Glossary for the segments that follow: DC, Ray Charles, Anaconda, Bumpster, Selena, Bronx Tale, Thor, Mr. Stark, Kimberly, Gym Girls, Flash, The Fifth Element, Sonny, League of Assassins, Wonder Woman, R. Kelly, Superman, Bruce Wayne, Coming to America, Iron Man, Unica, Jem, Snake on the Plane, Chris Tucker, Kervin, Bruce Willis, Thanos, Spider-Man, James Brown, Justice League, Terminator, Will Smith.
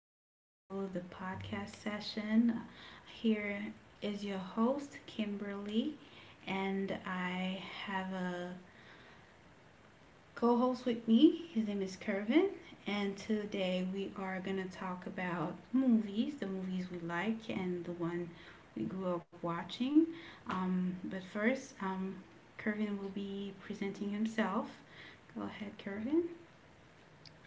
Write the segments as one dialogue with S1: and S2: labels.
S1: Welcome to the podcast session. Here is your host, Kimberly, and I have a co host with me. His name is Kervin, and today we are going to talk about movies the movies we like and the one we grew up watching. But first, Kervin will be presenting himself. Go ahead, Kervin.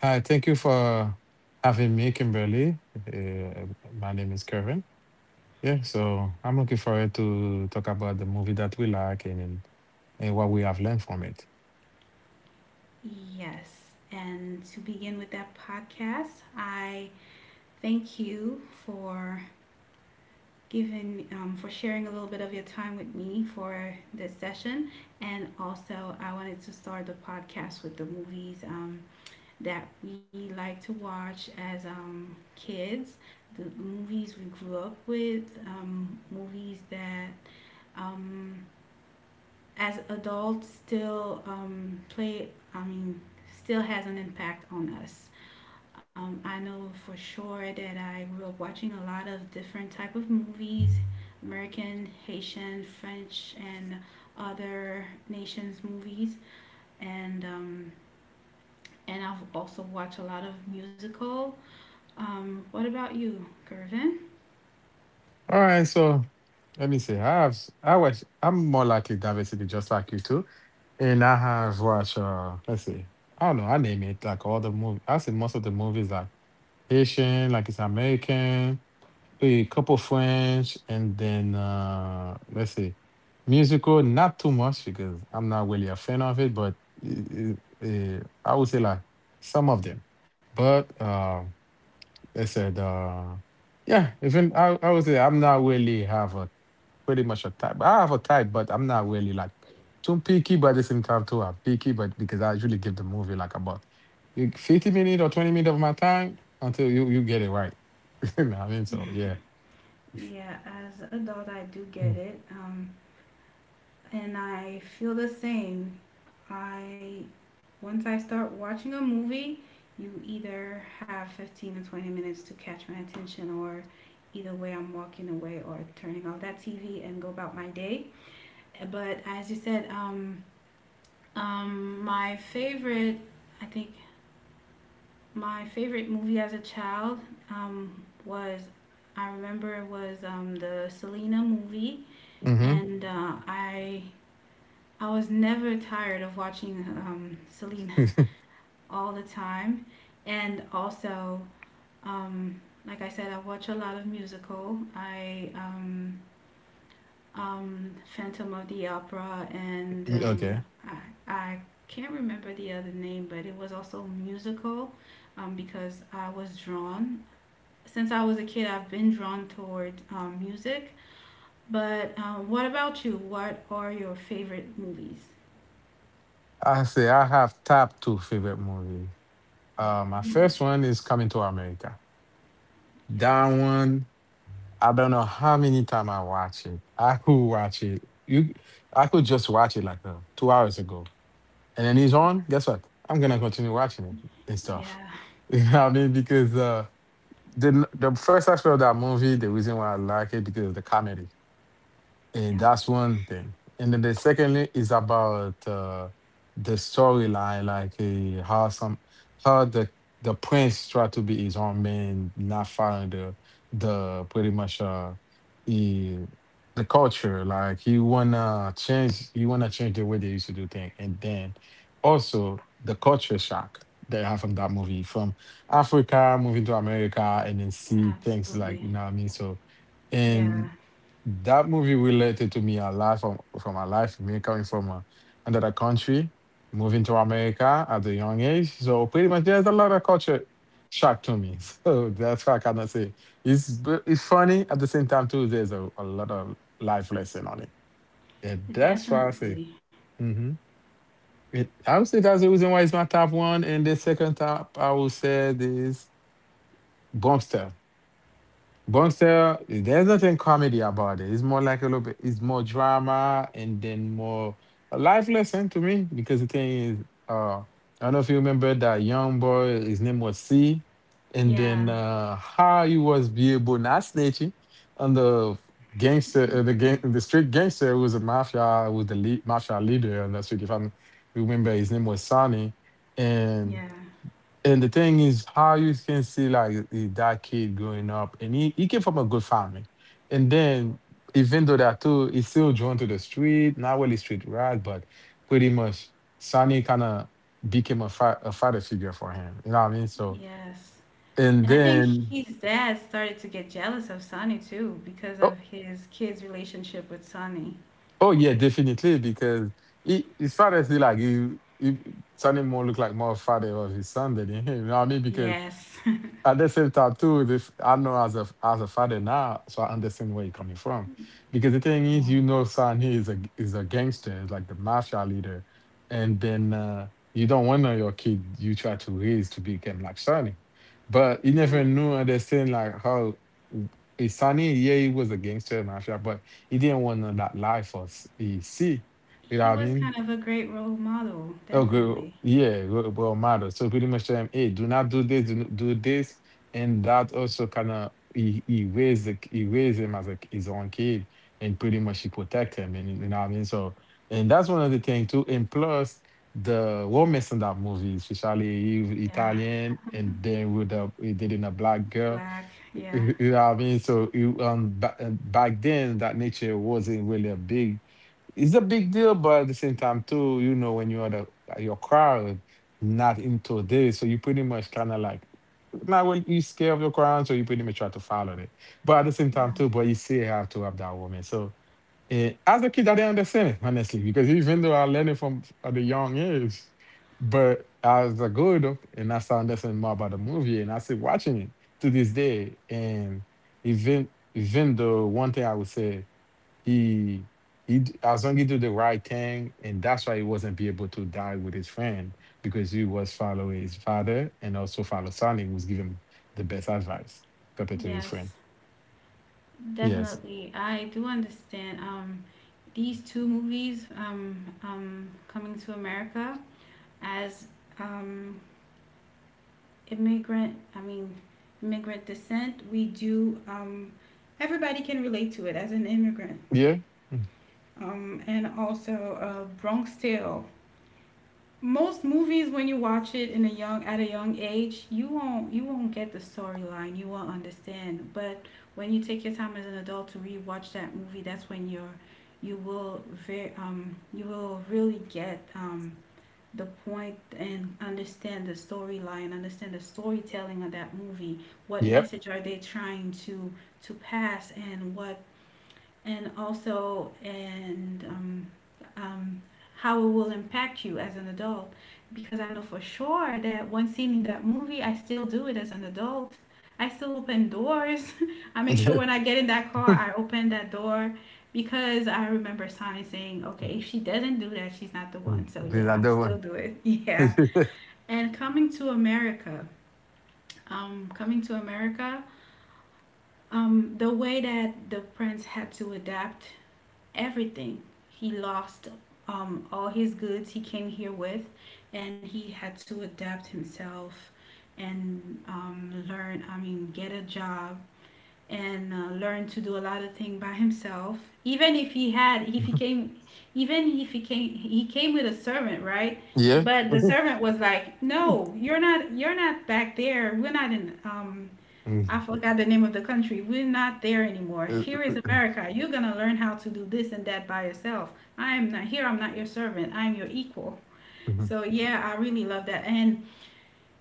S2: Hi, thank you for having me, Kimberly. Uh, my name is Kevin. Yeah, so I'm looking forward to talk about the movie that we like and what we have learned from it.
S1: Yes. And to begin with that podcast, I thank you for giving, for sharing a little bit of your time with me for this session. And also, I wanted to start the podcast with the movies that we like to watch as kids, the movies we grew up with, movies that um, as adults still play, I mean, still has an impact on us. I know for sure that I grew up watching a lot of different type of movies, American, Haitian, French, and other nations' movies, and and I've also watched a lot of musical. What about you, Gervin?
S2: All right, so let me see. I watch. I'm more likely diversity, just like you too. And I have watched. Let's see. I don't know. I name it like all the movie. I see most of the movies like Haitian, like it's American, a couple French, and then let's see, musical. Not too much because I'm not really a fan of it, but uh, I would say like some of them. But uh, I said, uh, yeah, even I would say I'm not really have a pretty much a type. I have a type, but I'm not really like too picky, but at the same time too I'm picky, but because I usually give the movie like about 50 minutes or 20 minutes of my time until you get it right. You know what I mean? So yeah.
S1: Yeah, as an adult, I do get it. And I feel the same. I Once I start watching a movie, you either have 15 to 20 minutes to catch my attention, or either way I'm walking away or turning off that TV and go about my day. But as you said, my favorite, I think my favorite movie as a child was, I remember it was the Selena movie,
S2: Mm-hmm.
S1: and I was never tired of watching Selena all the time. And also, um, like I said, I watch a lot of musical. I Phantom of the Opera, and
S2: Okay.
S1: I, I can't remember the other name, but it was also musical, because I was drawn. Since I was a kid, I've been drawn toward music. But what about you? What are your favorite movies?
S2: I say I have top two favorite movies. My first
S1: Mhm.
S2: one is Coming to America. That
S1: Yes.
S2: one, I don't know how many times I watch it. I could watch it. I could just watch it like 2 hours ago, and then it's on. Guess what? I'm gonna continue watching it and stuff.
S1: Yeah,
S2: You know what I mean? Because the first aspect of that movie, the reason why I like it because of the comedy. And
S1: yeah,
S2: that's one thing. And then the secondly is about the storyline, like how some how the prince tried to be his own man, not following the pretty much he, the culture. Like he wanna change the way they used to do things. And then also the culture shock that I have from that movie, from Africa moving to America, and then see things like you
S1: absolutely.
S2: know what I mean. So.
S1: Yeah,
S2: That movie related to me a lot from my life, me coming from another country, moving to America at a young age. So pretty much, there's a lot of culture shock to me. So that's why I cannot say it's funny at the same time too. There's a lot of life lesson on it. Yeah, that's why I say.
S1: definitely.
S2: Hmm. It, I would say that's the reason why it's my top one, and the second top I would say is Bumpster. Bonster, there's nothing comedy about it. It's more like a little bit, it's more drama and then more a life lesson to me because the thing is, I don't know if you remember that young boy, his name was C, and
S1: Yeah,
S2: then how he was be able not snitching on the gangster, the gang, the street gangster who was a mafia, who was the lead, mafia leader on the street. If I remember, his name was Sonny, and
S1: yeah,
S2: the thing is, how you can see like that kid growing up, and he came from a good family, and then even though that too, he's still drawn to the street, not really street rat, but pretty much Sonny kind of became a father figure for him. You know what I mean? So,
S1: yes.
S2: and
S1: And I think
S2: then
S1: his dad started to get jealous of Sonny too because
S2: oh,
S1: of his kid's relationship with Sonny.
S2: oh yeah, definitely because his father still like he Sonny more look like more father of his son than him. You know what I mean? Because
S1: Yes.
S2: at the same time too, this I know as a father now, so I understand where you're coming from. Because the thing is,
S1: Yeah,
S2: you know, son, he is a gangster, is like the mafia leader, and then you don't want your kid you try to raise to become like Sonny, but he never
S1: yeah.
S2: knew understand like how. Sonny, yeah, he was a gangster mafia, but he didn't want that life he see. You know
S1: He
S2: what I
S1: was
S2: mean?
S1: kind of a great role model,
S2: Oh, good.
S1: definitely.
S2: Yeah, good. Well, matter. So pretty much, hey, do not do this, do not do this, and that also kind of he raised he raised him as like his own kid, and pretty much he protect him, and you know what I mean. So, and that's one of the things too. And plus, the romance in that movie, especially
S1: Yeah,
S2: Italian, and then with the he did in a black girl,
S1: black, yeah.
S2: you know what I mean. So, back then that nature wasn't really a big it's a big deal, but at the same time too, you know, when you're the like, your crowd not into this, so you pretty much kind of like not when you scared of your crowd, so you pretty much try to follow it. But at the same time too, but you still have to have that woman. So as a kid, I didn't understand it honestly because even though I learned it from at a young age, but as I grew up and I started understanding more about the movie, and I still watching it to this day, and even even though one thing I would say he as long he do the right thing and that's why he wasn't be able to die with his friend because he was following his father and also follow Sonny who was giving him the best advice compared to his friend.
S1: Yes,
S2: Yes.
S1: definitely. I do understand. These two movies, Coming to America as um, immigrant, I mean, immigrant descent, we do, everybody can relate to it as an immigrant.
S2: Yeah. Mm.
S1: And also Bronx Tale. Most movies, when you watch it in a young at a young age, you won't get the storyline. You won't understand. But when you take your time as an adult to rewatch that movie, that's when you're you will very you will really get the point and understand the storyline, understand the storytelling of that movie. What
S2: Yep.
S1: message are they trying to pass, and what and also and um, how it will impact you as an adult, because I know for sure that once seeing that movie, I still do it as an adult. I still open doors. I make sure when I get in that car, I open that door, because I remember Sonny saying, okay, if she doesn't do that, she's not the
S2: Mm.
S1: one. So
S2: There's
S1: yeah, I
S2: another
S1: still
S2: one.
S1: do it. Yeah. and coming to america Coming to America, the way that the prince had to adapt everything. He lost all his goods he came here with, and he had to adapt himself and learn, I mean, get a job and learn to do a lot of things by himself. Even if he had, if he came, even if he came, he came with a servant, right?
S2: Yeah.
S1: But the servant was like, "No, you're not. You're not back there. We're not in.
S2: Mm.
S1: I forgot the name of the country. We're not there anymore.
S2: Uh,
S1: Here is America. You're going to learn how to do this and that by yourself. I am not here. I'm not your servant. I am your equal."
S2: mhm.
S1: So yeah, I really love that. And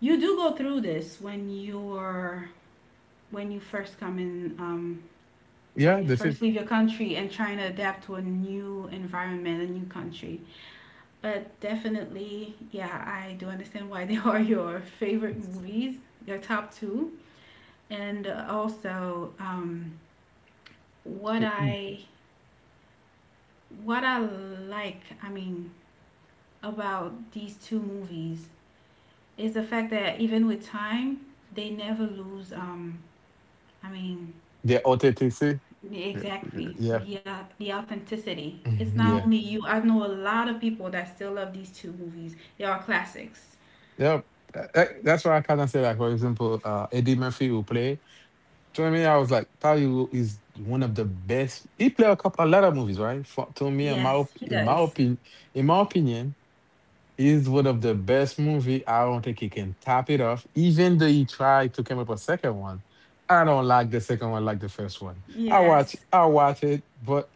S1: you do go through this when you're when you first come in, when you
S2: Yeah, the
S1: first
S2: fit,
S1: leave your country and trying to adapt to a new environment, a new country. But definitely, yeah, I do understand why they are your favorite movies, your top two. And also, what I what I like, I mean, about these two movies is the fact that even with time, they never lose. I mean,
S2: the authenticity.
S1: exactly
S2: Yeah.
S1: the authenticity. It's
S2: Mhm.
S1: not
S2: Yeah.
S1: only you. I know a lot of people that still love these two movies. They are classics.
S2: Yep. That's why I kind of say like for example Eddie Murphy will play. To me, I was like, Tayo is one of the best. He played a couple, a lot of movies, right? For, to me,
S1: Yes, he
S2: in my
S1: does.
S2: opinion, in my opinion, is one of the best movie. I don't think he can top it off. Even though he tried to come up with a second one, I don't like the second one like the first one.
S1: Yes,
S2: I watch it, but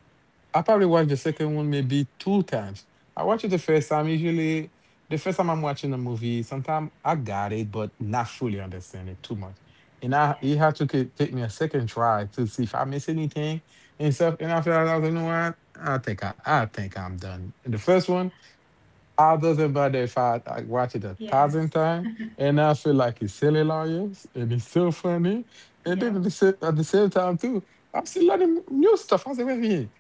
S2: I probably watch the second one maybe two times. I watch it the first time. Usually, the first time I'm watching a movie, sometimes I got it, but not fully understand it too much. And I it had take me a second try to see if I miss anything and stuff. And after that, I was like, you know what? I think I'm done. And the first one. It doesn't matter if I watch it a thousand
S1: yes,
S2: times and I feel like it's silly lawyers and it's so funny, and then at
S1: yep,
S2: at the same time too, I'm still learning new stuff. I say, wait a minute.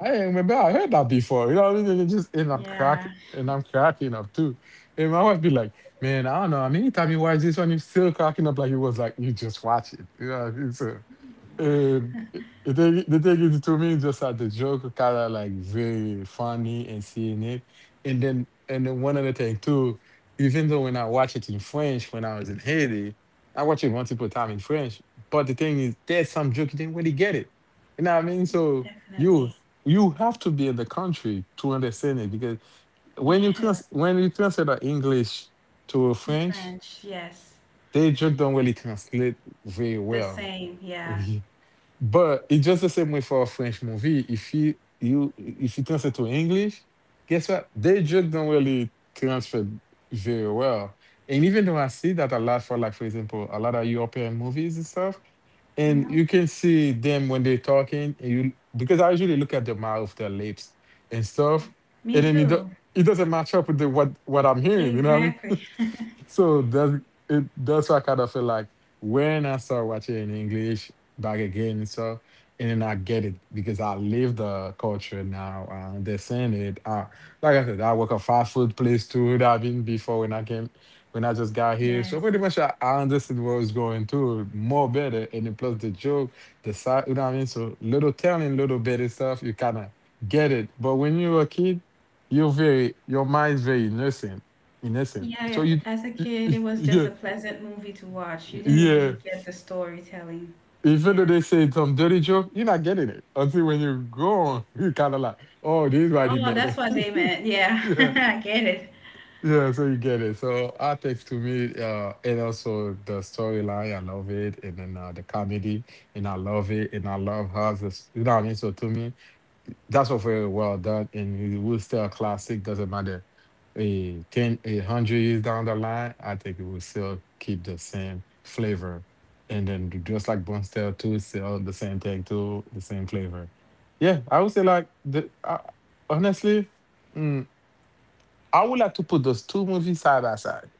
S2: I ain't remember I heard that before. You know, what I mean? It just and I'm crack
S1: yeah,
S2: and I'm cracking up too. And my wife be like, "Man, I don't know. I mean, anytime you watch this one, you still cracking up like it was like you just watch it." You know, what I mean? So, and the thing is, to me, just like the joke kind of like very funny and seeing it, and then one other thing too. Even though when I watch it in French when I was in Haiti, I watch it multiple time in French. But the thing is, there's some joke you didn't really get it. You know what I mean? So you
S1: definitely.
S2: you have to be in the country to understand it because
S1: Yeah,
S2: when you translate that English to
S1: to
S2: French,
S1: French, yes,
S2: they just don't really translate very
S1: the
S2: well.
S1: same. Yeah,
S2: Okay. But it's just the same way for a French movie. If you you if you translate to English, guess what? They just don't really transfer very well. And even though I see that a lot for like for example, a lot of European movies and stuff, and you
S1: no,
S2: can see them when they're talking, and you because I usually look at their mouth, their lips, and stuff, and
S1: me
S2: then
S1: too.
S2: it doesn't match up with what I'm hearing. You know what I mean?
S1: Exactly.
S2: So that's it. That's why I kind of feel like when I start watching in English back again and stuff, and then I get it because I live the culture now. I understand it. I, like I said, I work a fast food place too that I've been before when I just got here. So
S1: Yes.
S2: pretty much I understood what was going through more better. And then plus the joke, the side, you know what I mean? So little telling, little better stuff, you kind of get it. But when you were a kid, your mind's very innocent. So
S1: Yeah,
S2: you,
S1: as a kid, it was just a
S2: yeah,
S1: pleasant movie to watch. You didn't really
S2: yeah.
S1: get the storytelling.
S2: Even though
S1: Yeah.
S2: they say some dirty joke, you're not getting it until when you go on, you kind of like, oh, this is why they
S1: Oh,
S2: made
S1: that's what they
S2: it.
S1: meant. Yeah.
S2: Yeah.
S1: I get it.
S2: Yeah, so you get it. So Apex to me, and also the storyline, I love it, and then the comedy, and I love it, and I love how this, you know what I mean. So to me, that's all very well done, and it will still a classic. Doesn't matter, a ten, a hundred years down the line, I think it will still keep the same flavor, and then just like Bone Style too, it's still the same thing too, the same flavor. Yeah, I would say like honestly. mm, I would like to put those two movies side by side.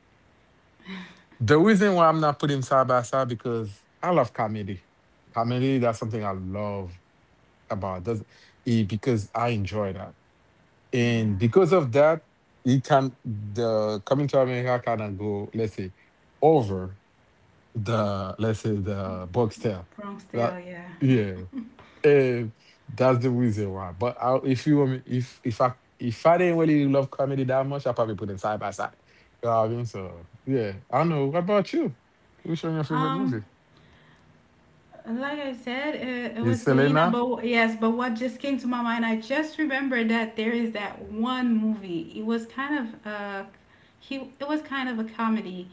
S2: The reason why I'm not putting them side by side because I love comedy. Comedy, that's something I love about this because I enjoy that. And
S1: Yeah.
S2: because of that, it can the coming to America kind of go, let's say, over the let's say the box tail.
S1: Bronx Tale,
S2: That
S1: yeah.
S2: yeah. Eh, that's the reason why. But I, if you want me, if I if I didn't really love comedy that much, I probably put them side by side. You know what I mean? So yeah, I don't know. What about you? Which one your favorite movie?
S1: Um, like I said, it was
S2: Is
S1: Selena,
S2: Selena?
S1: but yes, but what just came to my mind, I just remembered that there is that one movie. It was kind of he it was kind of a comedy.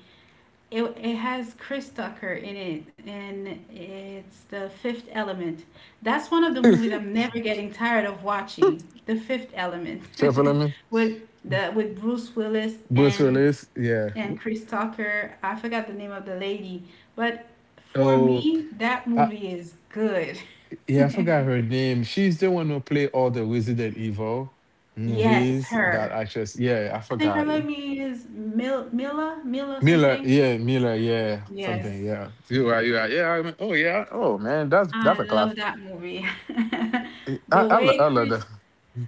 S1: It has Chris Tucker in it, and it's The Fifth Element. That's one of the movies I'm never getting tired of watching. The Fifth Element,
S2: Jennifer
S1: with the with Bruce Willis
S2: Bruce
S1: and
S2: Willis? Yeah.
S1: Chris Tucker. I forgot the name of the lady, but for
S2: Oh,
S1: me, that
S2: I,
S1: movie is good.
S2: yeah. I forgot her name. She's the one who played all the Resident Evil
S1: Yes,
S2: movies. That
S1: her.
S2: actress. Yeah, I
S1: I think her
S2: forgot.
S1: love me is Mila something.
S2: Miller, yeah,
S1: Yes,
S2: something, yeah. You are, yeah. I remem- oh, yeah. Oh man, that's
S1: I
S2: a class.
S1: love that movie. The way
S2: I love
S1: Chris
S2: that.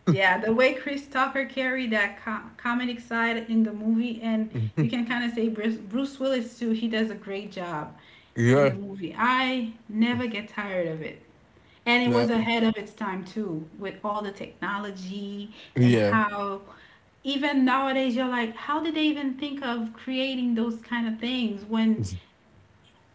S1: Yeah, the way Chris Tucker carried that comedic side in the movie, and you
S2: Mhm.
S1: can kind of say Bruce Willis too, he does a great job in the
S2: Yeah.
S1: movie. I never get tired of it. And it
S2: Yeah.
S1: was ahead of its time too, with all the technology and
S2: Yeah.
S1: how even nowadays you're like, how did they even think of creating those kind of things when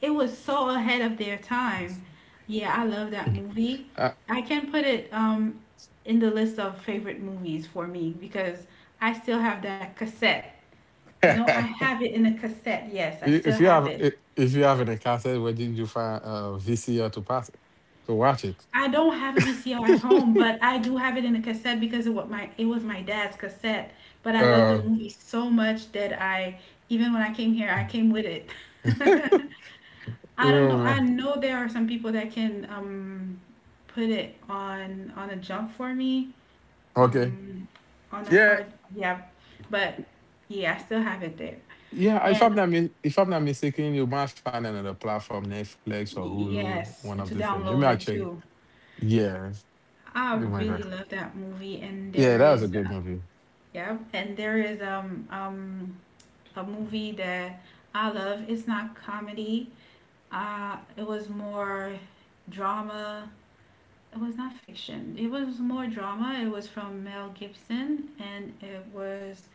S1: it was so ahead of their time. Yeah, I love that movie.
S2: Uh,
S1: I can put it in the list of favorite movies for me because I still have that cassette. You know, I have it in a cassette. Yes, I still
S2: if you
S1: have
S2: have
S1: it.
S2: if you haven't encountered where did you find VCR to pass it to watch it?
S1: I don't have a VCR at home, but I do have it in a cassette because it was my dad's cassette. But I love the
S2: uh,
S1: movie so much that I even when I came here, I came with it. I don't
S2: oh
S1: know. I
S2: man.
S1: know there are some people that can put it on a jump for me.
S2: Okay.
S1: Um on a
S2: Yeah.
S1: hard yeah. But yeah, I still have it there.
S2: Yeah,
S1: And
S2: if I'm not mistaken, you might find another platform, Netflix or
S1: y-
S2: Hulu, one of
S1: yes,
S2: the
S1: to
S2: same. You might
S1: download it
S2: check.
S1: too.
S2: Yeah,
S1: I
S2: you might. Find-
S1: really love that movie, and
S2: Yeah,
S1: there
S2: that was a
S1: is
S2: good movie.
S1: yeah, and there is a movie that I love. It's not comedy. It was more drama. It was not fiction. It was more drama. It was from Mel Gibson, and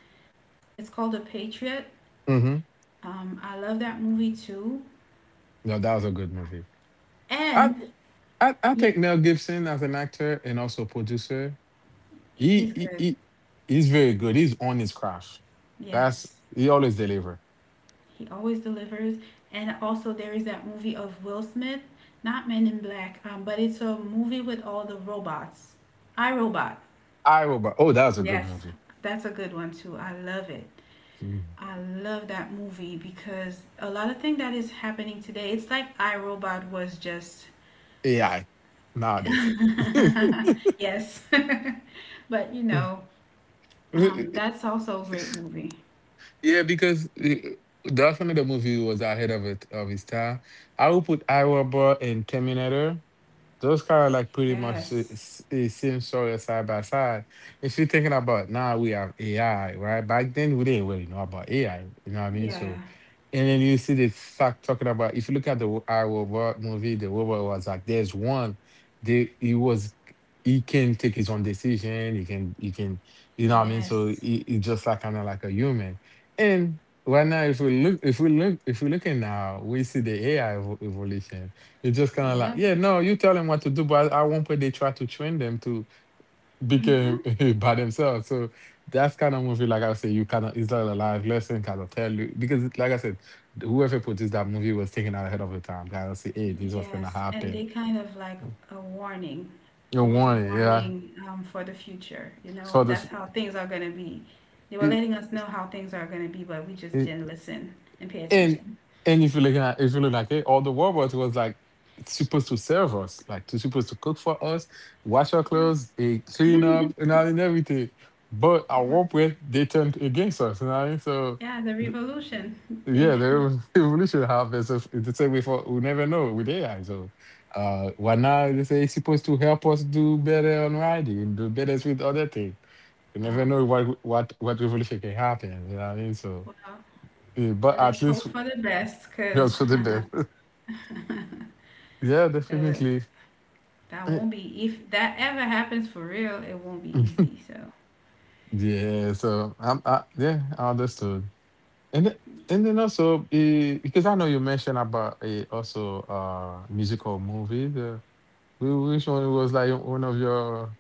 S1: it's called The Patriot.
S2: Mm-hmm.
S1: I love that movie too.
S2: No, that was a good movie. I.
S1: And
S2: I
S1: yeah,
S2: think Mel Gibson as an actor and also producer, he,
S1: he's
S2: he
S1: good.
S2: he he's very good. He's on his craft. That's
S1: Yes,
S2: he always deliver.
S1: he always delivers. And also, there is that movie of Will Smith, not Men in Black, but it's a movie with all the robots. I Robot.
S2: I robot. Oh, that was a good
S1: Yes,
S2: movie.
S1: that's a good one too. I love it.
S2: Mm.
S1: I love that movie because a lot of thing that is happening today, it's like I Robot was just
S2: AI nowadays. Yeah,
S1: yes. But you know, that's also a great movie.
S2: because that's one of the movie was ahead of it of his time. I would put I Robot and Terminator. Those cars like pretty much
S1: Yes.
S2: s- it seems sort of side by side. If you're thinking about now we have AI, right? Back then we didn't really know about AI, you know what I mean?
S1: Yeah.
S2: So and then you see they start talking about if you look at the wo- I Robot movie, the robot was like there's one, they he was he can take his own decision, he can you know what I mean? So
S1: Yes.
S2: he just like kinda like a human. And right now if we look at now, we see the AI evo- evolution you just kind of
S1: Yep.
S2: like, yeah, no, you tell them what to do, but at one point they try to train them to become
S1: Mm-hmm.
S2: by themselves. So that's kind of movie, like I say, you kind of, it's like a live lesson kind of tell you. Because, like I said, whoever produced that movie was taken out ahead of the time. Kind of say, hey, this was going to
S1: Yes. And they
S2: happen.
S1: kind of like a warning.
S2: You
S1: It was a
S2: warn it, yeah.
S1: warning, for the future. You know,
S2: So the,
S1: that's
S2: f-
S1: how things are going to be. They were
S2: it,
S1: letting us know how things are going to be, but we just
S2: it-
S1: didn't listen and pay
S2: And
S1: attention.
S2: if you look at if you look like it, all the robots was like supposed to serve us, like to supposed to cook for us, wash our clothes, clean up, and all and everything. But our one they turned against us, you know. What I mean? So
S1: Yeah, the
S2: th-
S1: revolution.
S2: yeah,
S1: There.
S2: the rev- evolution happens. It's the same way for we never know with AI. So why now they say it's supposed to help us do better on writing, do better with other things. You never
S1: Oh,
S2: know what revolution can happen, you know what I mean? So
S1: well,
S2: yeah, but at
S1: let's hope
S2: least
S1: for the best,
S2: we are
S1: cause
S2: for the best. Yeah,
S1: the-
S2: definitely.
S1: that
S2: Eh,
S1: won't be, if that ever happens for real, it won't be easy. So,
S2: Yeah, so yeah, I understood. And then, and then also because I know you mentioned about also musical movies. Which one was like one of your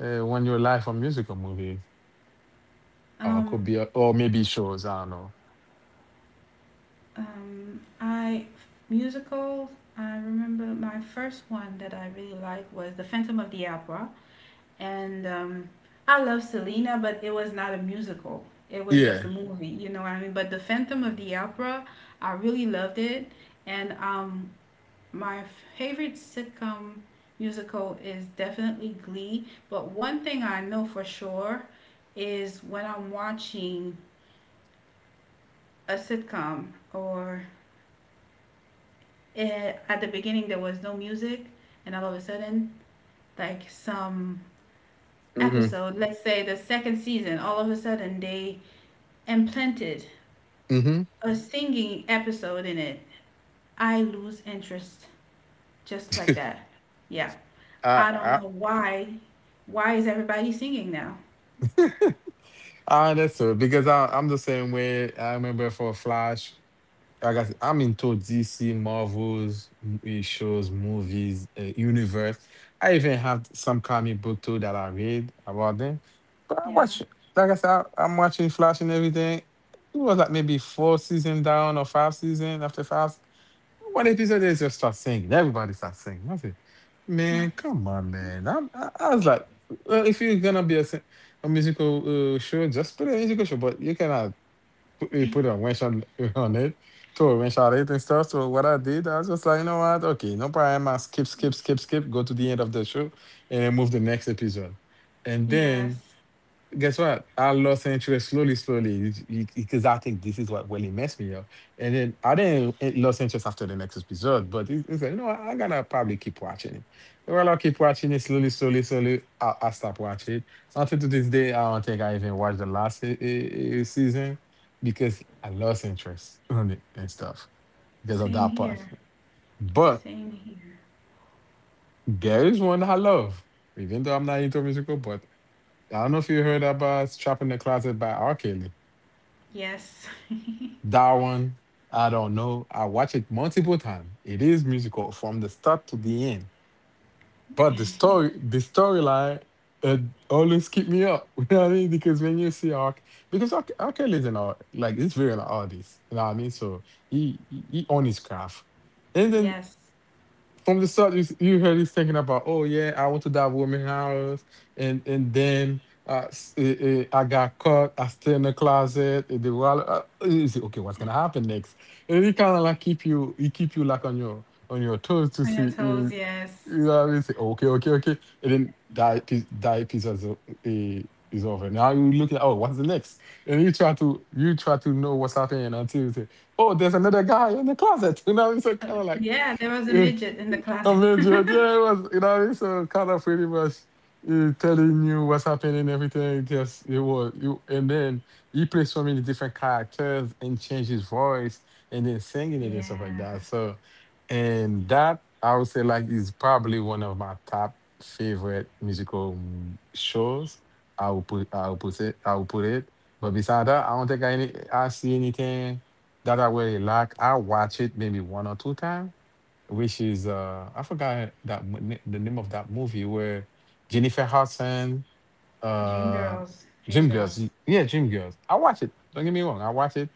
S2: when your life a musical movie? Could
S1: um,
S2: be a, or maybe shows. I don't know.
S1: I musicals. I remember my first one that I really liked was The Phantom of the Opera, and I love Selena, but it was not a musical. It was
S2: Yeah.
S1: just a movie, you know what I mean? But The Phantom of the Opera, I really loved it. And My favorite sitcom musical is definitely Glee, but one thing I know for sure is when I'm watching a sitcom or at the beginning there was no music, and all of a sudden, like some
S2: Mm-hmm.
S1: episode, let's say the second season, all of a sudden they implanted
S2: Mm-hmm.
S1: a singing episode in it. I lose interest just like that. Yeah. I don't
S2: I,
S1: know why is everybody singing now?
S2: I, I understood because I'm the same way. I remember for Flash. Like I said, I'm into DC, Marvels, shows, movies, universe. I even have some comic book too that I read about them. But I
S1: Yeah.
S2: watch, like I said, I'm watching Flash and everything. It was like maybe four season down or five season after five. One episode they just start singing. Everybody starts singing. I said, man, come on, man. I was like, well, if you're gonna be a musical show, just put a musical show. But you cannot he put a winch on, on it, to a winch on it and stuff. So what I did, I was just like, you know what? Okay, no problem. I skip, go to the end of the show and then move the next episode. And then
S1: Yes.
S2: guess what? I lost interest slowly, because I think this is what really messed me up. And then I didn't it lost interest after the next episode, but it's like, you know, what? I gotta probably keep watching it. Well, I'll keep watching it slowly. I stop watching it until to this day. I don't think I even watched the last season because I lost interest on it and stuff because of
S1: Same
S2: that part.
S1: here.
S2: But
S1: Same here.
S2: there is one I love, even though I'm not into musical. But I don't know if you heard about "Trapped in the Closet" by R. Kelly.
S1: Yes.
S2: That one, I don't know. I watch it multiple times. It is musical from the start to the end. But the storyline, it always keep me up. You know what I mean? Because when you see Ark, because Ark, R. is an art, like it's very an artist. You know what I mean? So he on his craft, and then
S1: yes.
S2: from the start, you heard he's thinking about, oh yeah, I went to that woman house, and then I got caught. I stay in the closet. The wallet. You see, okay, what's gonna happen next? And he kind of like he keep you like on your toes to
S1: On your
S2: see.
S1: toes, yes.
S2: You know what I mean? Say, okay, okay, okay, and then that piece is, eh, is over. Now you look at, oh, what's the next? And you try to know what's happening until you say, oh, there's another guy in the closet. You know, it's kind of like.
S1: Yeah, there was
S2: I
S1: a
S2: mean,
S1: midget in the closet.
S2: yeah, yeah, it was, you know, it's kind of pretty much telling you what's happening, everything. Just it was, you, and then he plays so many different characters and change his voice and then singing it and stuff like
S1: Yeah.
S2: that. So, and that I would say like is probably one of my top favorite musical shows. I will put it. But besides that, I don't think I any, I see anything that I really like. I watch it maybe one or two times which is I forgot that the name of that movie where Jennifer Hudson,
S1: Dream
S2: uh,
S1: girls. Dream
S2: Gym Girls,
S1: girls.
S2: yeah, Gym Girls. I watch it. Don't get me wrong, I watch it.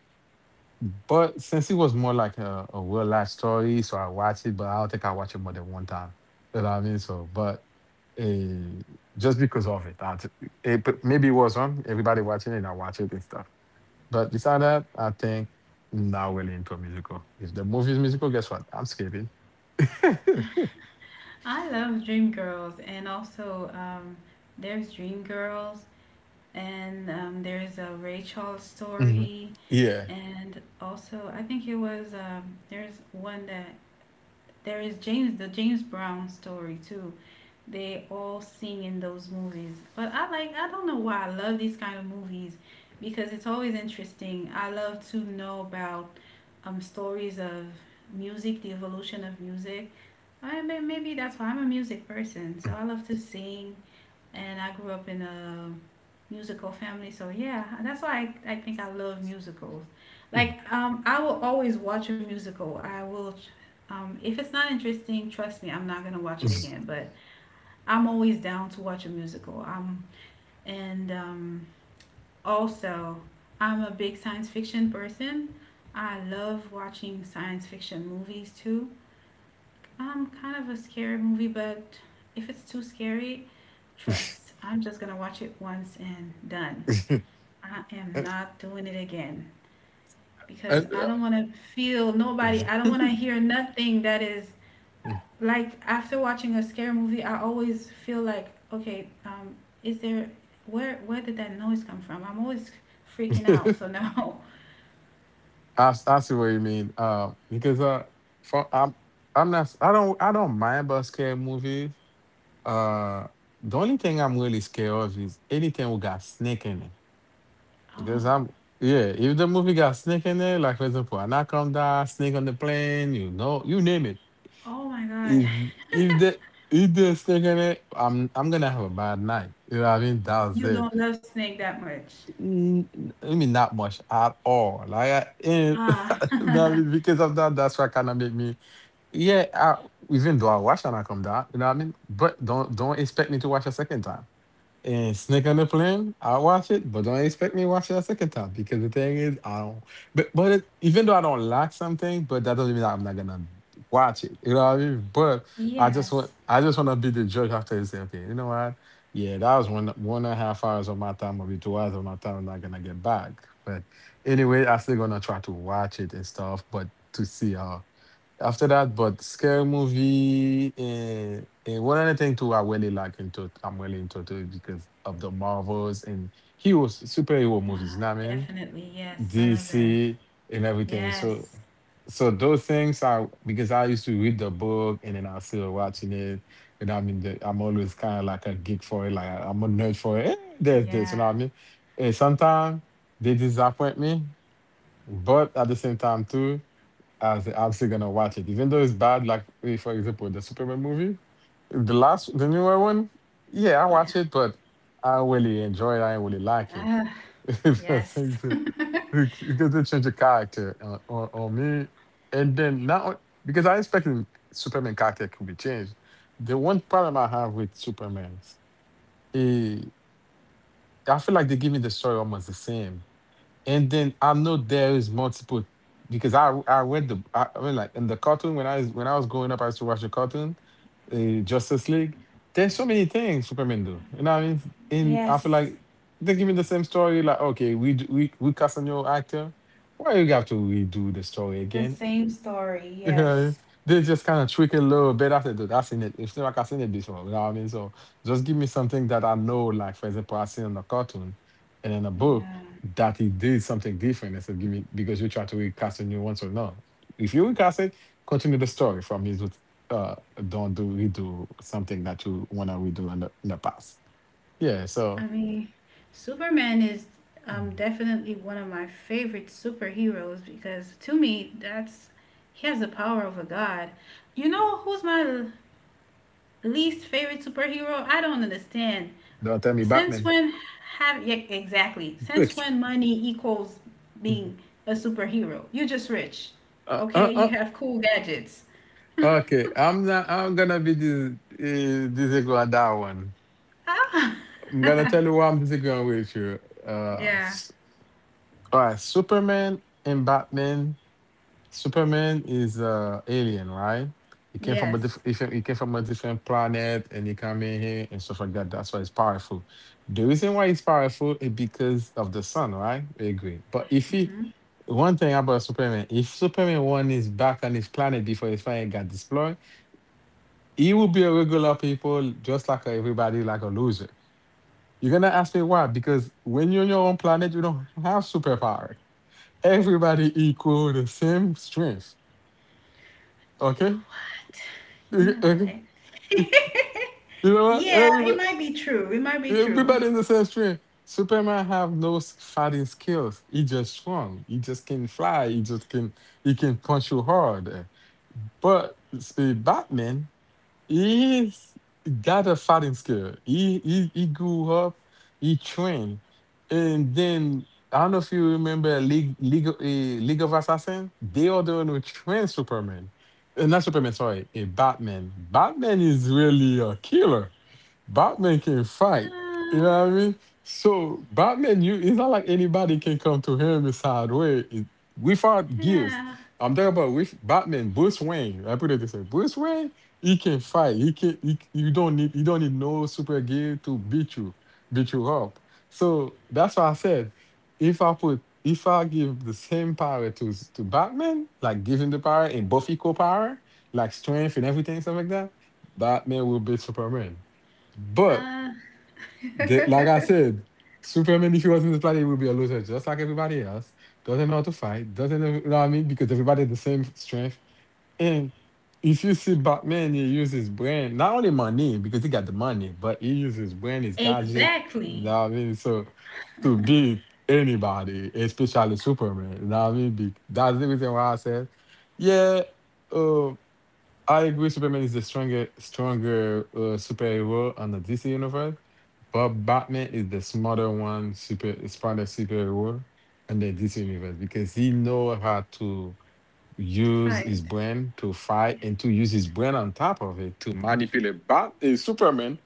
S2: But since it was more like a real life story, so I watch it. But I don't think I watch it more than one time. You know what I mean? So, but uh, just because of it, that maybe it was on everybody watching it. I watch it and stuff. But beside that, I think I'm not really into a musical. If the movie is musical, guess what? I'm skipping.
S1: I love Dream Girls. And also there's Dream Girls and there's a Ray Charles
S2: Mhm.
S1: story.
S2: Yeah.
S1: And also I think it was there's one that there is James Brown story too. They all sing in those movies. But I don't know why I love these kind of movies because it's always interesting. I love to know about stories of music, the evolution of music. I mean, maybe that's why I'm a music person. So I love to sing, and I grew up in a musical family. So yeah, that's why I think I love musicals. Like
S2: Mm.
S1: um I will always watch a musical. I will If it's not interesting, trust me, I'm not going to watch it again. But I'm always down to watch a musical. And Also, I'm a big science fiction person. I love watching science fiction movies too. I'm kind of a scary movie, but if it's too scary, trust, I'm just gonna watch it once and done. I am not doing it again, because
S2: And,
S1: I don't want to feel nobody, I don't want to hear nothing that is like. After watching a scary movie, I always feel like, okay, is there, where did that noise come from? I'm always freaking out. So now
S2: I see what you mean. Because for, I don't mind about scary movies. Uh, the only thing I'm really scared of is anything who got snake in it.
S1: oh,
S2: Because I'm yeah, if the movie got snake in it, like for example, Anaconda, Snake on the Plane, you know, you name it.
S1: oh my god.
S2: if if they if they're sticking it, I'm gonna have a bad night. You know what I mean? That's
S1: you
S2: it.
S1: don't love snake that much.
S2: Mm, I mean, not much at all. Like, I,
S1: Ah,
S2: you know what I mean? Because of that, that's what kind of make me. Yeah, even though I watch and I come down, you know what I mean? But don't expect me to watch a second time. And Snake on the Plane, I watch it, but don't expect me to watch it a second time because the thing is, I don't. But it, even though I don't like something, but that doesn't mean that I'm not gonna watch it. You know what I mean? But I just
S1: yes.
S2: want I just want to be the judge after and say, okay, you know what? Yeah, that was 1.5 hours of my time, maybe 2 hours of my time. I'm not gonna get back. But anyway, I'm still gonna try to watch it and stuff, but to see how. After that, but scary movie and one other thing too, I'm really into it because of the Marvels and heroes, superhero movies,
S1: Ah,
S2: you know what I mean?
S1: definitely, yes, I love that.
S2: DC and everything. So
S1: Yes.
S2: so those things are because I used to read the book and then I still watching it. And I mean I'm always kind of like a geek for it, like I'm a nerd for it. There's this, you
S1: Yeah.
S2: know what I mean? And sometimes they disappoint me, but at the same time too. I was obviously gonna watch it, even though it's bad. Like for example, the Superman movie, the newer one. Yeah, I
S1: Yeah.
S2: watch it, but I don't really enjoy it. I don't really like it.
S1: Ah,
S2: That's like
S1: yes.
S2: the- because they change the character on me, and then now because I expected Superman character could be changed. The one problem I have with Superman, eh, I feel like they give me the story almost the same and then I know there is multiple because I mean like in the cartoon when I was growing up I used to watch the cartoon, uh, Justice League. There's so many things Superman do. You know what I mean? And I feel
S1: yes.
S2: like they give me the same story. Like, okay, we d- we casting your actor. Why you have to redo the story
S1: The
S2: again?
S1: same story,
S2: Yeah,
S1: yes.
S2: they just kind of tweak it a little bit. I said, dude, I've seen it. It's not like I've seen it before. You know what I mean? So just give me something that I know, like for example, I seen in the cartoon and in a book
S1: Yeah.
S2: that he did something different. I said, give me because you try to recast a new one, so no. If you recast it, continue the story from his uh don't do redo something that you wanna redo in the past. Yeah, so
S1: I mean, Superman is
S2: mm,
S1: definitely one of my favorite superheroes, because to me, that's, he has the power of a god. You know who's my least favorite superhero? I don't understand.
S2: don't tell me
S1: Since
S2: Batman.
S1: when have, yeah, exactly? Since when money equals being a superhero? You're just rich,
S2: Uh,
S1: okay?
S2: uh,
S1: You
S2: uh.
S1: have cool gadgets.
S2: Okay, I'm not. I'm gonna be disagreeable on that one.
S1: Ah,
S2: I'm gonna tell you where I'm disagreeing with you. Uh,
S1: yeah.
S2: s- all right, Superman and Batman. Superman is alien, right?
S1: Yes.
S2: He came from a different planet, and he came in here and stuff like that. That's why he's powerful. The reason why he's powerful is because of the sun, right? We agree. But if he, one thing about Superman, if Superman one is back on his planet before his planet got destroyed, he will be a regular people, just like everybody, like a loser. You're gonna ask me why? Because when you're on your own planet, you don't have superpower. Everybody equal the same strength. Okay?
S1: You know
S2: Okay.
S1: what?
S2: Okay.
S1: You know what?
S2: You know what?
S1: Yeah, it
S2: Everybody,
S1: might be true. It might be true.
S2: everybody in the same strength. Superman have no fighting skills. He just strong. He just can fly. He just can. He can punch you hard. But see, Batman. He's got a fighting skill. He grew up, he trained, and then I don't know if you remember League of Assassins. They are the one who trained Superman, not Superman. Sorry, Batman. Batman is really a killer. Batman can fight. You
S1: Uh,
S2: know what I mean? So Batman, you it's not like anybody can come to him a side way. Sideways without gifts.
S1: yeah.
S2: I'm talking about with Batman, Bruce Wayne. I put it this way: Bruce Wayne he can fight. He can. He, you don't need. You don't need no super gear to beat you up. So that's why I said, if I give the same power to Batman, like give him the power and buff equal power, like strength and everything, stuff like that, Batman will beat Superman. But
S1: Uh,
S2: the, like I said, Superman, if he was not this planet, he would be a loser, just like everybody else. Doesn't know how to fight. Doesn't know, you know what I mean? Because everybody has the same strength and if you see Batman, he uses his brain, not only money, because he got the money, but he uses his brain, his gadget, you
S1: exactly.
S2: know what I mean? So to beat anybody, especially Superman, you know what I mean? That's the reason why I said, yeah, uh, I agree Superman is the stronger superhero on the DC universe, but Batman is the smarter one, super smarter superhero in the DC universe because he know how to
S1: To
S2: use his
S1: fight.
S2: brain to fight and to use his brain on top of it to manipulate Superman.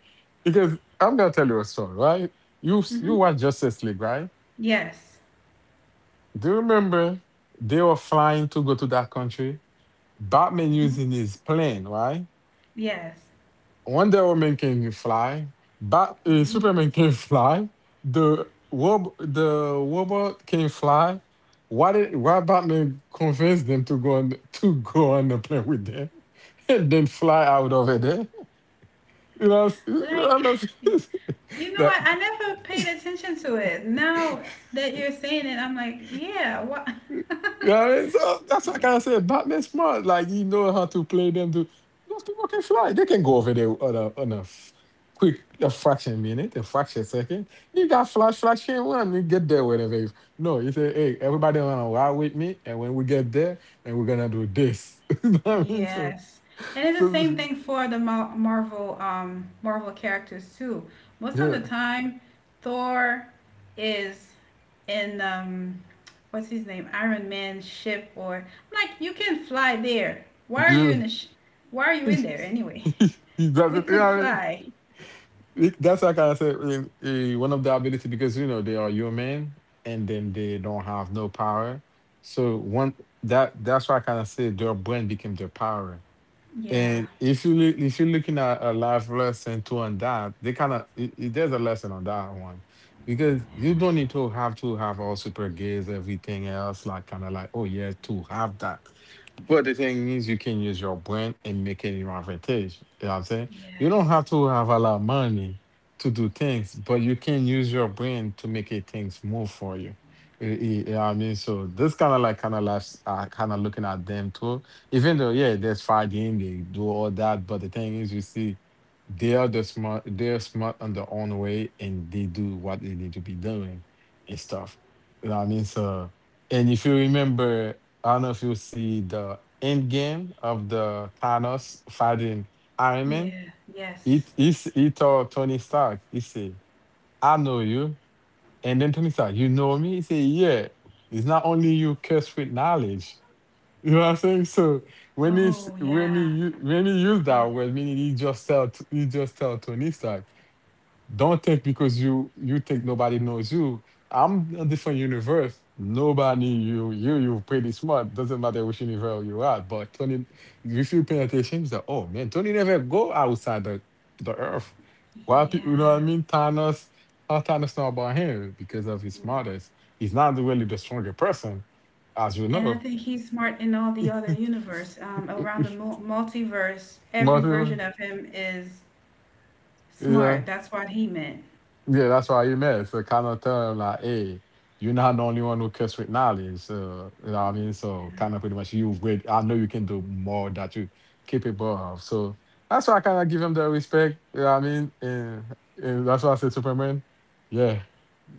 S2: Because I'm gonna tell you a story, right? You
S1: Hmm.
S2: watch Justice League, right?
S1: Yes.
S2: Do you remember they were flying to go to that country? Batman
S1: Hmm.
S2: using his plane, right?
S1: Yes.
S2: Wonder Woman can fly. Bat
S1: Hmm.
S2: Superman can fly. The robot can fly. Why Batman convince them to go on the plane with them and then fly out over there? You know, I
S1: Like,
S2: don't know. if-
S1: you know
S2: that
S1: what? I never paid attention to it. Now that you're saying it, I'm like, yeah, what?
S2: You know what I mean? So that's what I kind of said. Batman smart. Like he know how to play them. To those people can fly. They can go over there on a quick a fraction minute, a fraction second. You got Flash, Flash can one. You get there whenever. No, you say, hey, everybody wanna ride with me, and when we get there, and we're gonna do this. you know what I mean? So,
S1: Yes. And it's the
S2: so
S1: same thing for the Marvel Marvel characters too. Most of
S2: yeah,
S1: the time Thor is in, what's his name, Iron Man's ship, or I'm like, you can fly there. Why are you in
S2: yeah.
S1: the sh- why are you in there anyway?
S2: he
S1: You could
S2: doesn't.
S1: fly.
S2: That's like I said, one of the ability because you know they are human and then they don't have no power. So one that that's why I kind of say their brain became their power.
S1: Yeah.
S2: And if you're looking at a life lesson too on that, they kind of there's a lesson on that one because you don't need to have all super gears everything else like kind of like oh yeah to have that but the thing is, you can use your brain and make it your advantage. You know what I'm saying? You don't have
S1: Yes.
S2: to have a lot of money to do things, but you can use your brain to make it things move for you. You know what I mean? So this kind of like kind of life, kind of looking at them too. Even though, yeah, there's Friday and they do all that, but the thing is, you see, they're smart on their own way, and they do what they need to be doing and stuff. You know what I mean? So, and if you remember. I don't know if you see the end game of the Thanos fighting Iron Man.
S1: Yeah.
S2: He,
S1: Yes.
S2: he, s- he told Tony Stark, he said, I know you. And then Tony Stark, you know me? He said, yeah. It's not only you cursed with knowledge. You know what I'm saying? So when he s-
S1: Oh,
S2: when he
S1: yeah.
S2: u- when he used that
S1: When
S2: word, meaning he just tell Tony Stark. Don't think because you think nobody knows you. I'm a different universe. Nobody you pretty smart. Doesn't matter which universe you are. But Tony, if you pay attention, it's like, oh man, Tony never go outside the earth. Why
S1: he,
S2: people you know what
S1: yeah.
S2: I mean? Thanos, how Thanos know about him because of his smartest. He's not really the stronger person, as you
S1: And I
S2: know.
S1: think he's smart in all the other universe. Around the multiverse, every
S2: Most people,
S1: version of him is
S2: yeah.
S1: smart. That's what he meant.
S2: Yeah, that's why you met. So kind of tell him like, hey, you're not the only one who cooks with knowledge. So you know what I mean? So kind of pretty much you with I know you can do more that you capable of. So that's why I kind of give him the respect. You know what I mean? And that's why I said Superman, yeah.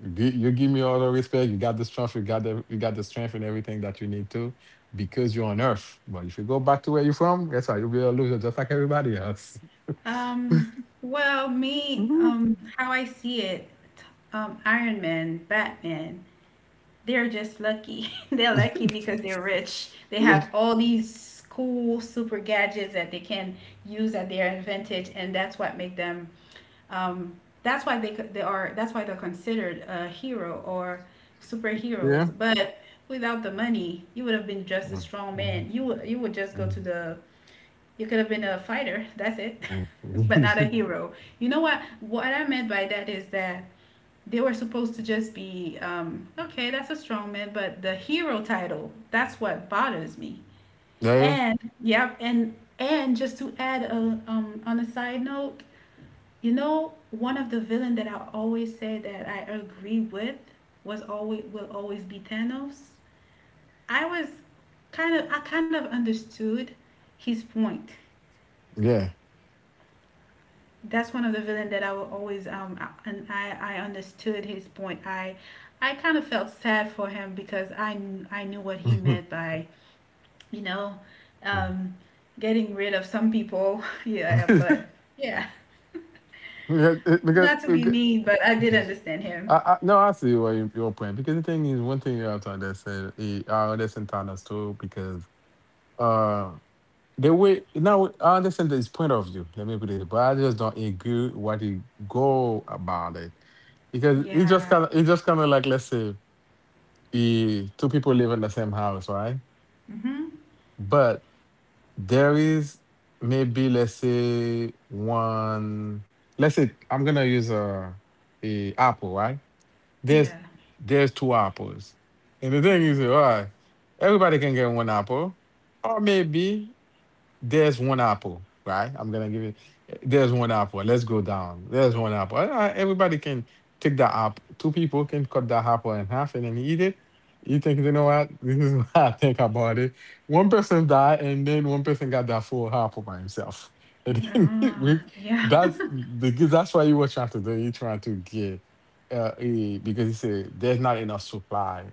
S2: You give me all the respect. You got the strength. You got the strength and everything that you need to, because you're on Earth. But if you go back to where you're from, guess what? You'll be a loser just like everybody else.
S1: Um, well, me,
S2: Mhm.
S1: how I see it, Iron Man, Batman, they're just lucky. they're lucky because they're rich. They have all these cool super gadgets that they can use at their advantage, and that's what make them. Um, that's why they are that's why they're considered a hero or
S2: Yeah.
S1: superheroes. But without the money, you would have been just a
S2: Mm,
S1: strong
S2: mm,
S1: man. You would just go
S2: mm.
S1: to the, you could have been a fighter. That's it. but not a
S2: Mm.
S1: hero. You know what I meant by that is that they were supposed to just be, okay, that's a strong man, but the hero title, that's what bothers me.
S2: Yeah,
S1: And yeah, and just to add a, um, on a side note, you know, one of the villain that I always say that I agree with was always, will always be Thanos. I was kind of, I kind of understood his point.
S2: yeah.
S1: That's one of the villain that I will always, um, and I understood his point. I kind of felt sad for him, because I knew what he
S2: Mhm.
S1: meant by, you know,
S2: Mm.
S1: um getting rid of some people. yeah, but yeah,
S2: because, it- because,
S1: not to be
S2: because-
S1: mean, but I did understand him.
S2: no, I see where your point. Because the thing is, one thing you have to understand, I understand Tana's too, because uh, the way now I understand his point of view. Let me put it, but I just don't agree what he go about it. Because it just
S1: Yeah.
S2: kind of it just kind of like let's say, two people live in the same house, right?
S1: Mhm.
S2: But there is maybe let's say one. Let's say I'm gonna use a apple, right?
S1: Yeah,
S2: There's there's two apples, and the
S1: yeah.
S2: thing is, all right, everybody can get one apple, or maybe there's one apple, right? I'm gonna give it. There's one apple. Let's go down. There's one apple. Ah, everybody can take the apple. Two people can cut the apple in half and then eat it. You think, you know what? This is what I think about it. One person died, and then one person got that full apple by himself. And then
S1: Oh,
S2: we,
S1: yeah.
S2: that's the that's what you were trying to do. You trying to get, because you say there's not enough supply.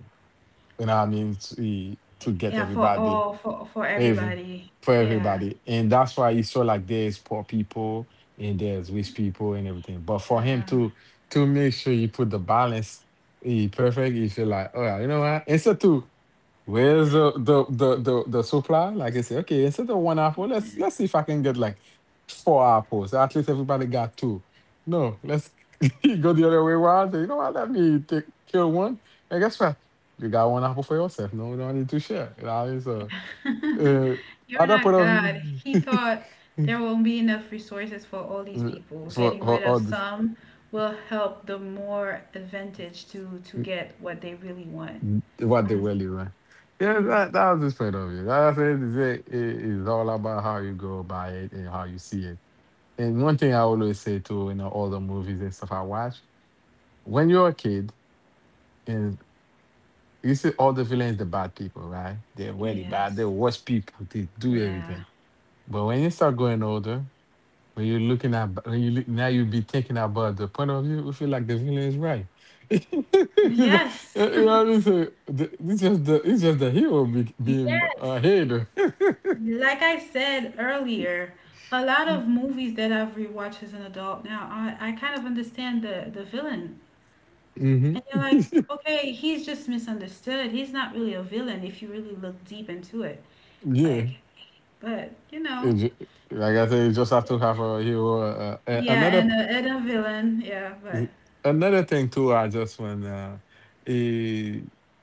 S2: You know what I mean? To get
S1: Yeah, for
S2: everybody.
S1: all, for
S2: Every
S1: everybody.
S2: for
S1: Yeah,
S2: everybody. And that's why you saw like there's poor people and there's rich people and everything. But for him
S1: yeah,
S2: to make sure you put the balance, perfect, you feel like, oh, you know what? Instead to where's the the supply? Like I say, okay, instead of one apple, let's see if I can get like four apples. At least everybody got two. No, let's go the other way around. Say, you know what? Let me take, kill one. And guess what? You got one apple for yourself. No, we don't need to share. You know,
S1: yeah.
S2: so uh,
S1: You're
S2: other part
S1: not
S2: of
S1: God. He thought there won't be enough resources for all these people.
S2: for
S1: Getting rid of
S2: all this
S1: some will help the more advantage to
S2: mm,
S1: get what they really want.
S2: what they,
S1: Mm,
S2: well, you right. Yeah,
S1: mm.
S2: that was his point of view. That's what it. It's all about how you go by it and how you see it. And one thing I always say too, in all the movies and stuff I watch, when you're a kid and you see all the villains, the bad people, right? They're really bad. They're
S1: Yes.
S2: worse people. They do
S1: Yeah.
S2: everything. But when you start going older, when you look now, you be thinking about the point of view. We feel like the villain is right. You know,
S1: Yes.
S2: you know what I mean? Saying? It's just the hero be, being a
S1: Yes.
S2: hater.
S1: Like I said earlier, a lot of movies that I've rewatched as an adult now, I kind of understand the villain. And
S2: Hmm.
S1: you're like, okay, he's just misunderstood. He's not really a villain if you really look deep into it.
S2: Yeah,
S1: Like, but, you
S2: It
S1: know,
S2: ju- like I said, you just have to have a hero.
S1: yeah,
S2: Another
S1: and a villain, yeah, but
S2: p- another thing too. I just want. Eh,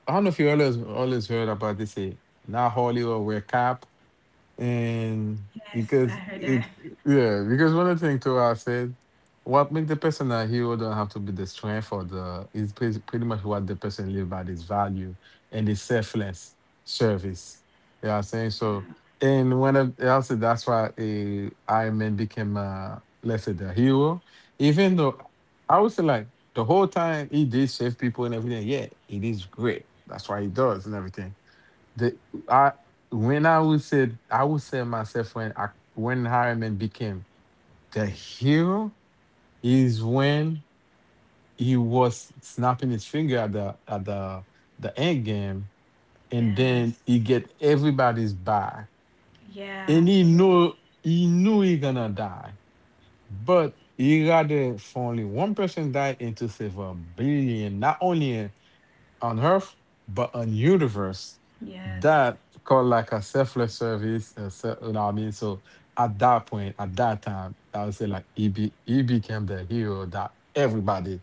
S2: I don't know if you always heard about this. Now Hollywood wear cap. And
S1: yes, I
S2: because
S1: heard
S2: it,
S1: that.
S2: yeah, because one of the things too I said, what make the person a hero don't have to be the strength or the is pretty, pretty much what the person live by is value and the selfless service. You know what I'm saying? So and one of I also that's why, Iron Man became, uh, let's say, the hero. Even though I would say like the whole time he did save people and everything, yeah, it is great. That's why he does and everything. The I when I would say myself when I when Harriman became the hero is when he was snapping his finger at the end game, and then
S1: Yes.
S2: he get everybody's back,
S1: Yeah,
S2: and
S1: absolutely.
S2: he knew he gonna die, but he rather for only one person die and to save a billion, not only on Earth, but on universe.
S1: Yes.
S2: That called like a selfless service. You know what I mean? So at that point, at that time, I would say like he became the hero that everybody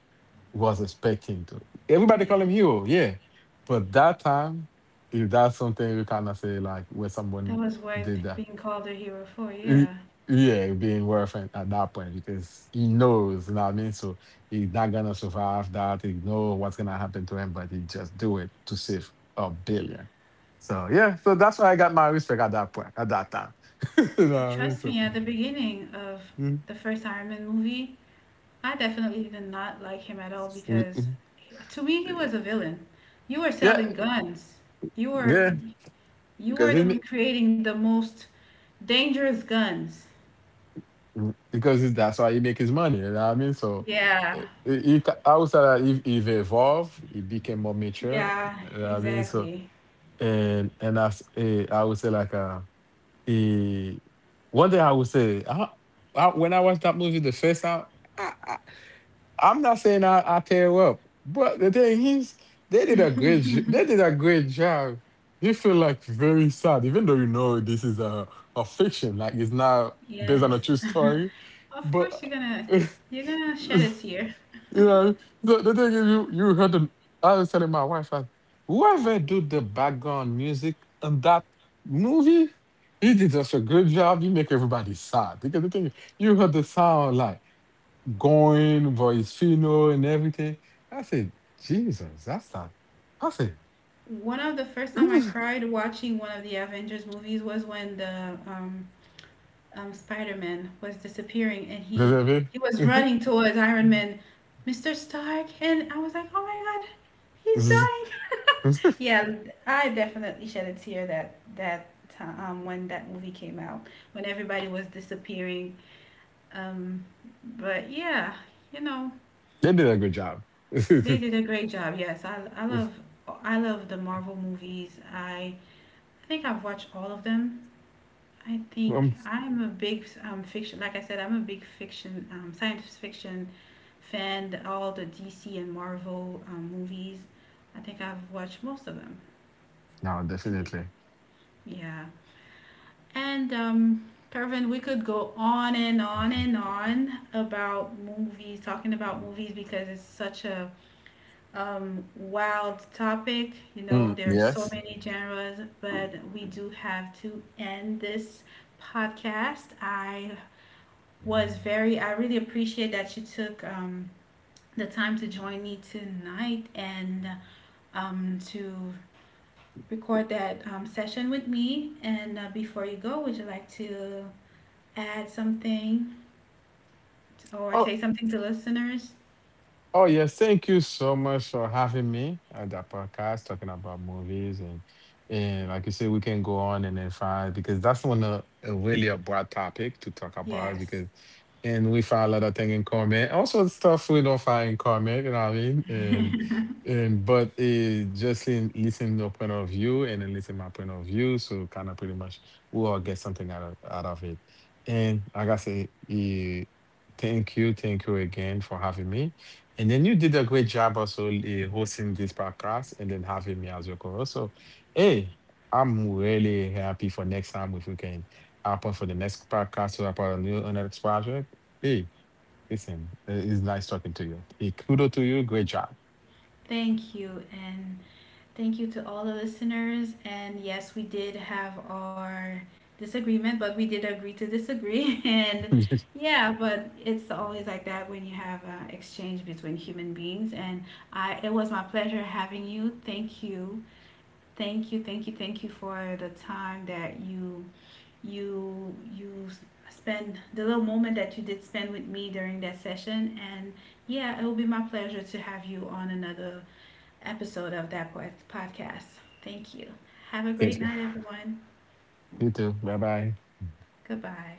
S2: was expecting to. Everybody
S1: Yeah.
S2: call him hero, yeah. But that time, if that's something you kind of say like when
S1: That
S2: someone
S1: was worth
S2: did that,
S1: being called a hero for,
S2: Y-
S1: yeah.
S2: yeah, being worth it at that point because he knows, you know what I mean? So he's not gonna survive that. He know what's gonna happen to him, but he just do it to save a billion. So yeah, so that's why I got my respect at that point, at that time. You know what I mean?
S1: Trust
S2: So
S1: me, at the beginning of
S2: mm,
S1: the first Iron Man movie, I definitely did not like him at all,
S2: mm,
S1: because
S2: mm,
S1: he, to me he
S2: eh,
S1: was a villain. You were
S2: yeah,
S1: selling guns. You were
S2: yeah,
S1: you
S2: because
S1: were
S2: he
S1: the one
S2: ma-
S1: creating the most dangerous guns.
S2: mm, that's why he make his money. You know what I mean? So,
S1: Yeah.
S2: he, I would say that he evolved, he became more mature.
S1: Yeah,
S2: You know what I mean? So.
S1: exactly.
S2: And as, I would say like, eh, one thing I would say, I when I watched that movie the first time, I, I, I'm not saying I tear up, but the thing is they did a great they did a great job. You feel like very sad, even though you know this is a fiction, like it's not based on
S1: Yes.
S2: a true story,
S1: Of
S2: but
S1: course you're gonna, you're gonna shed a tear.
S2: you know, the thing is, you heard the. I was telling my wife, like, whoever do the background music in that movie, he did such a good job. You make everybody sad because the thing is, you heard the sound like going voice fino and everything. I said, Jesus, that's not. I said,
S1: One of the first
S2: you
S1: time I
S2: know
S1: cried watching one of the Avengers movies was when the Spider-Man was disappearing, and
S2: what I mean?
S1: he was running towards Iron Man, Mr. Stark, and I was like, "Oh my God, he's dying." Yeah, I definitely shed a tear that when that movie came out, when everybody was disappearing. Um, but yeah, you know,
S2: They did a good job.
S1: they did a great job. Yes, I love, I love the Marvel movies. I think I've watched all of them. I think
S2: um,
S1: I'm a big, fiction, like I said, I'm a big fiction, science fiction fan. All the DC and Marvel movies, I think I've watched most of them.
S2: no,
S1: To be,
S2: definitely.
S1: yeah. And Pervin, we could go on and on and on about movies, talking about movies, because it's such a, wild topic. You know,
S2: Mm,
S1: there are so
S2: yes.
S1: many genres, but we do have to end this podcast. I was very I really appreciate that you took the time to join me tonight, and to record that session with me, and before you go, would you like to add something or say
S2: Oh.
S1: something to listeners?
S2: Oh, yes. Thank you so much for having me at the podcast talking about movies. And like you said, we can go on and then find because that's one of a really a broad topic to talk about
S1: Yes,
S2: because and we find a lot of things in common. Also stuff we don't find in common, you know what I mean? And but, just in listening to your point of view and then listen my point of view. So kind of pretty much we all get something out of it. And like I say, thank you again for having me. And then you did a great job also, hosting this podcast and then having me as your co-host. So, hey, I'm really happy for next time if we can happen for the next podcast or about a new on the next project. Hey, listen, it's nice talking to you. Hey, kudo to you. Great job.
S1: thank you, and thank you to all the listeners. And yes, we did have our disagreement, but we did agree to disagree. And
S2: Thank
S1: yeah, but it's always like that when you have an exchange between human beings. And I, it was my pleasure having you. Thank you, thank you, thank you, thank you for the time that you, you spend, the little moment that you did spend with me during that session. And yeah, it will be my pleasure to have you on another episode of that Boy's podcast. Thank you. Have a great
S2: you.
S1: night, everyone.
S2: You too. Bye bye.
S1: Goodbye.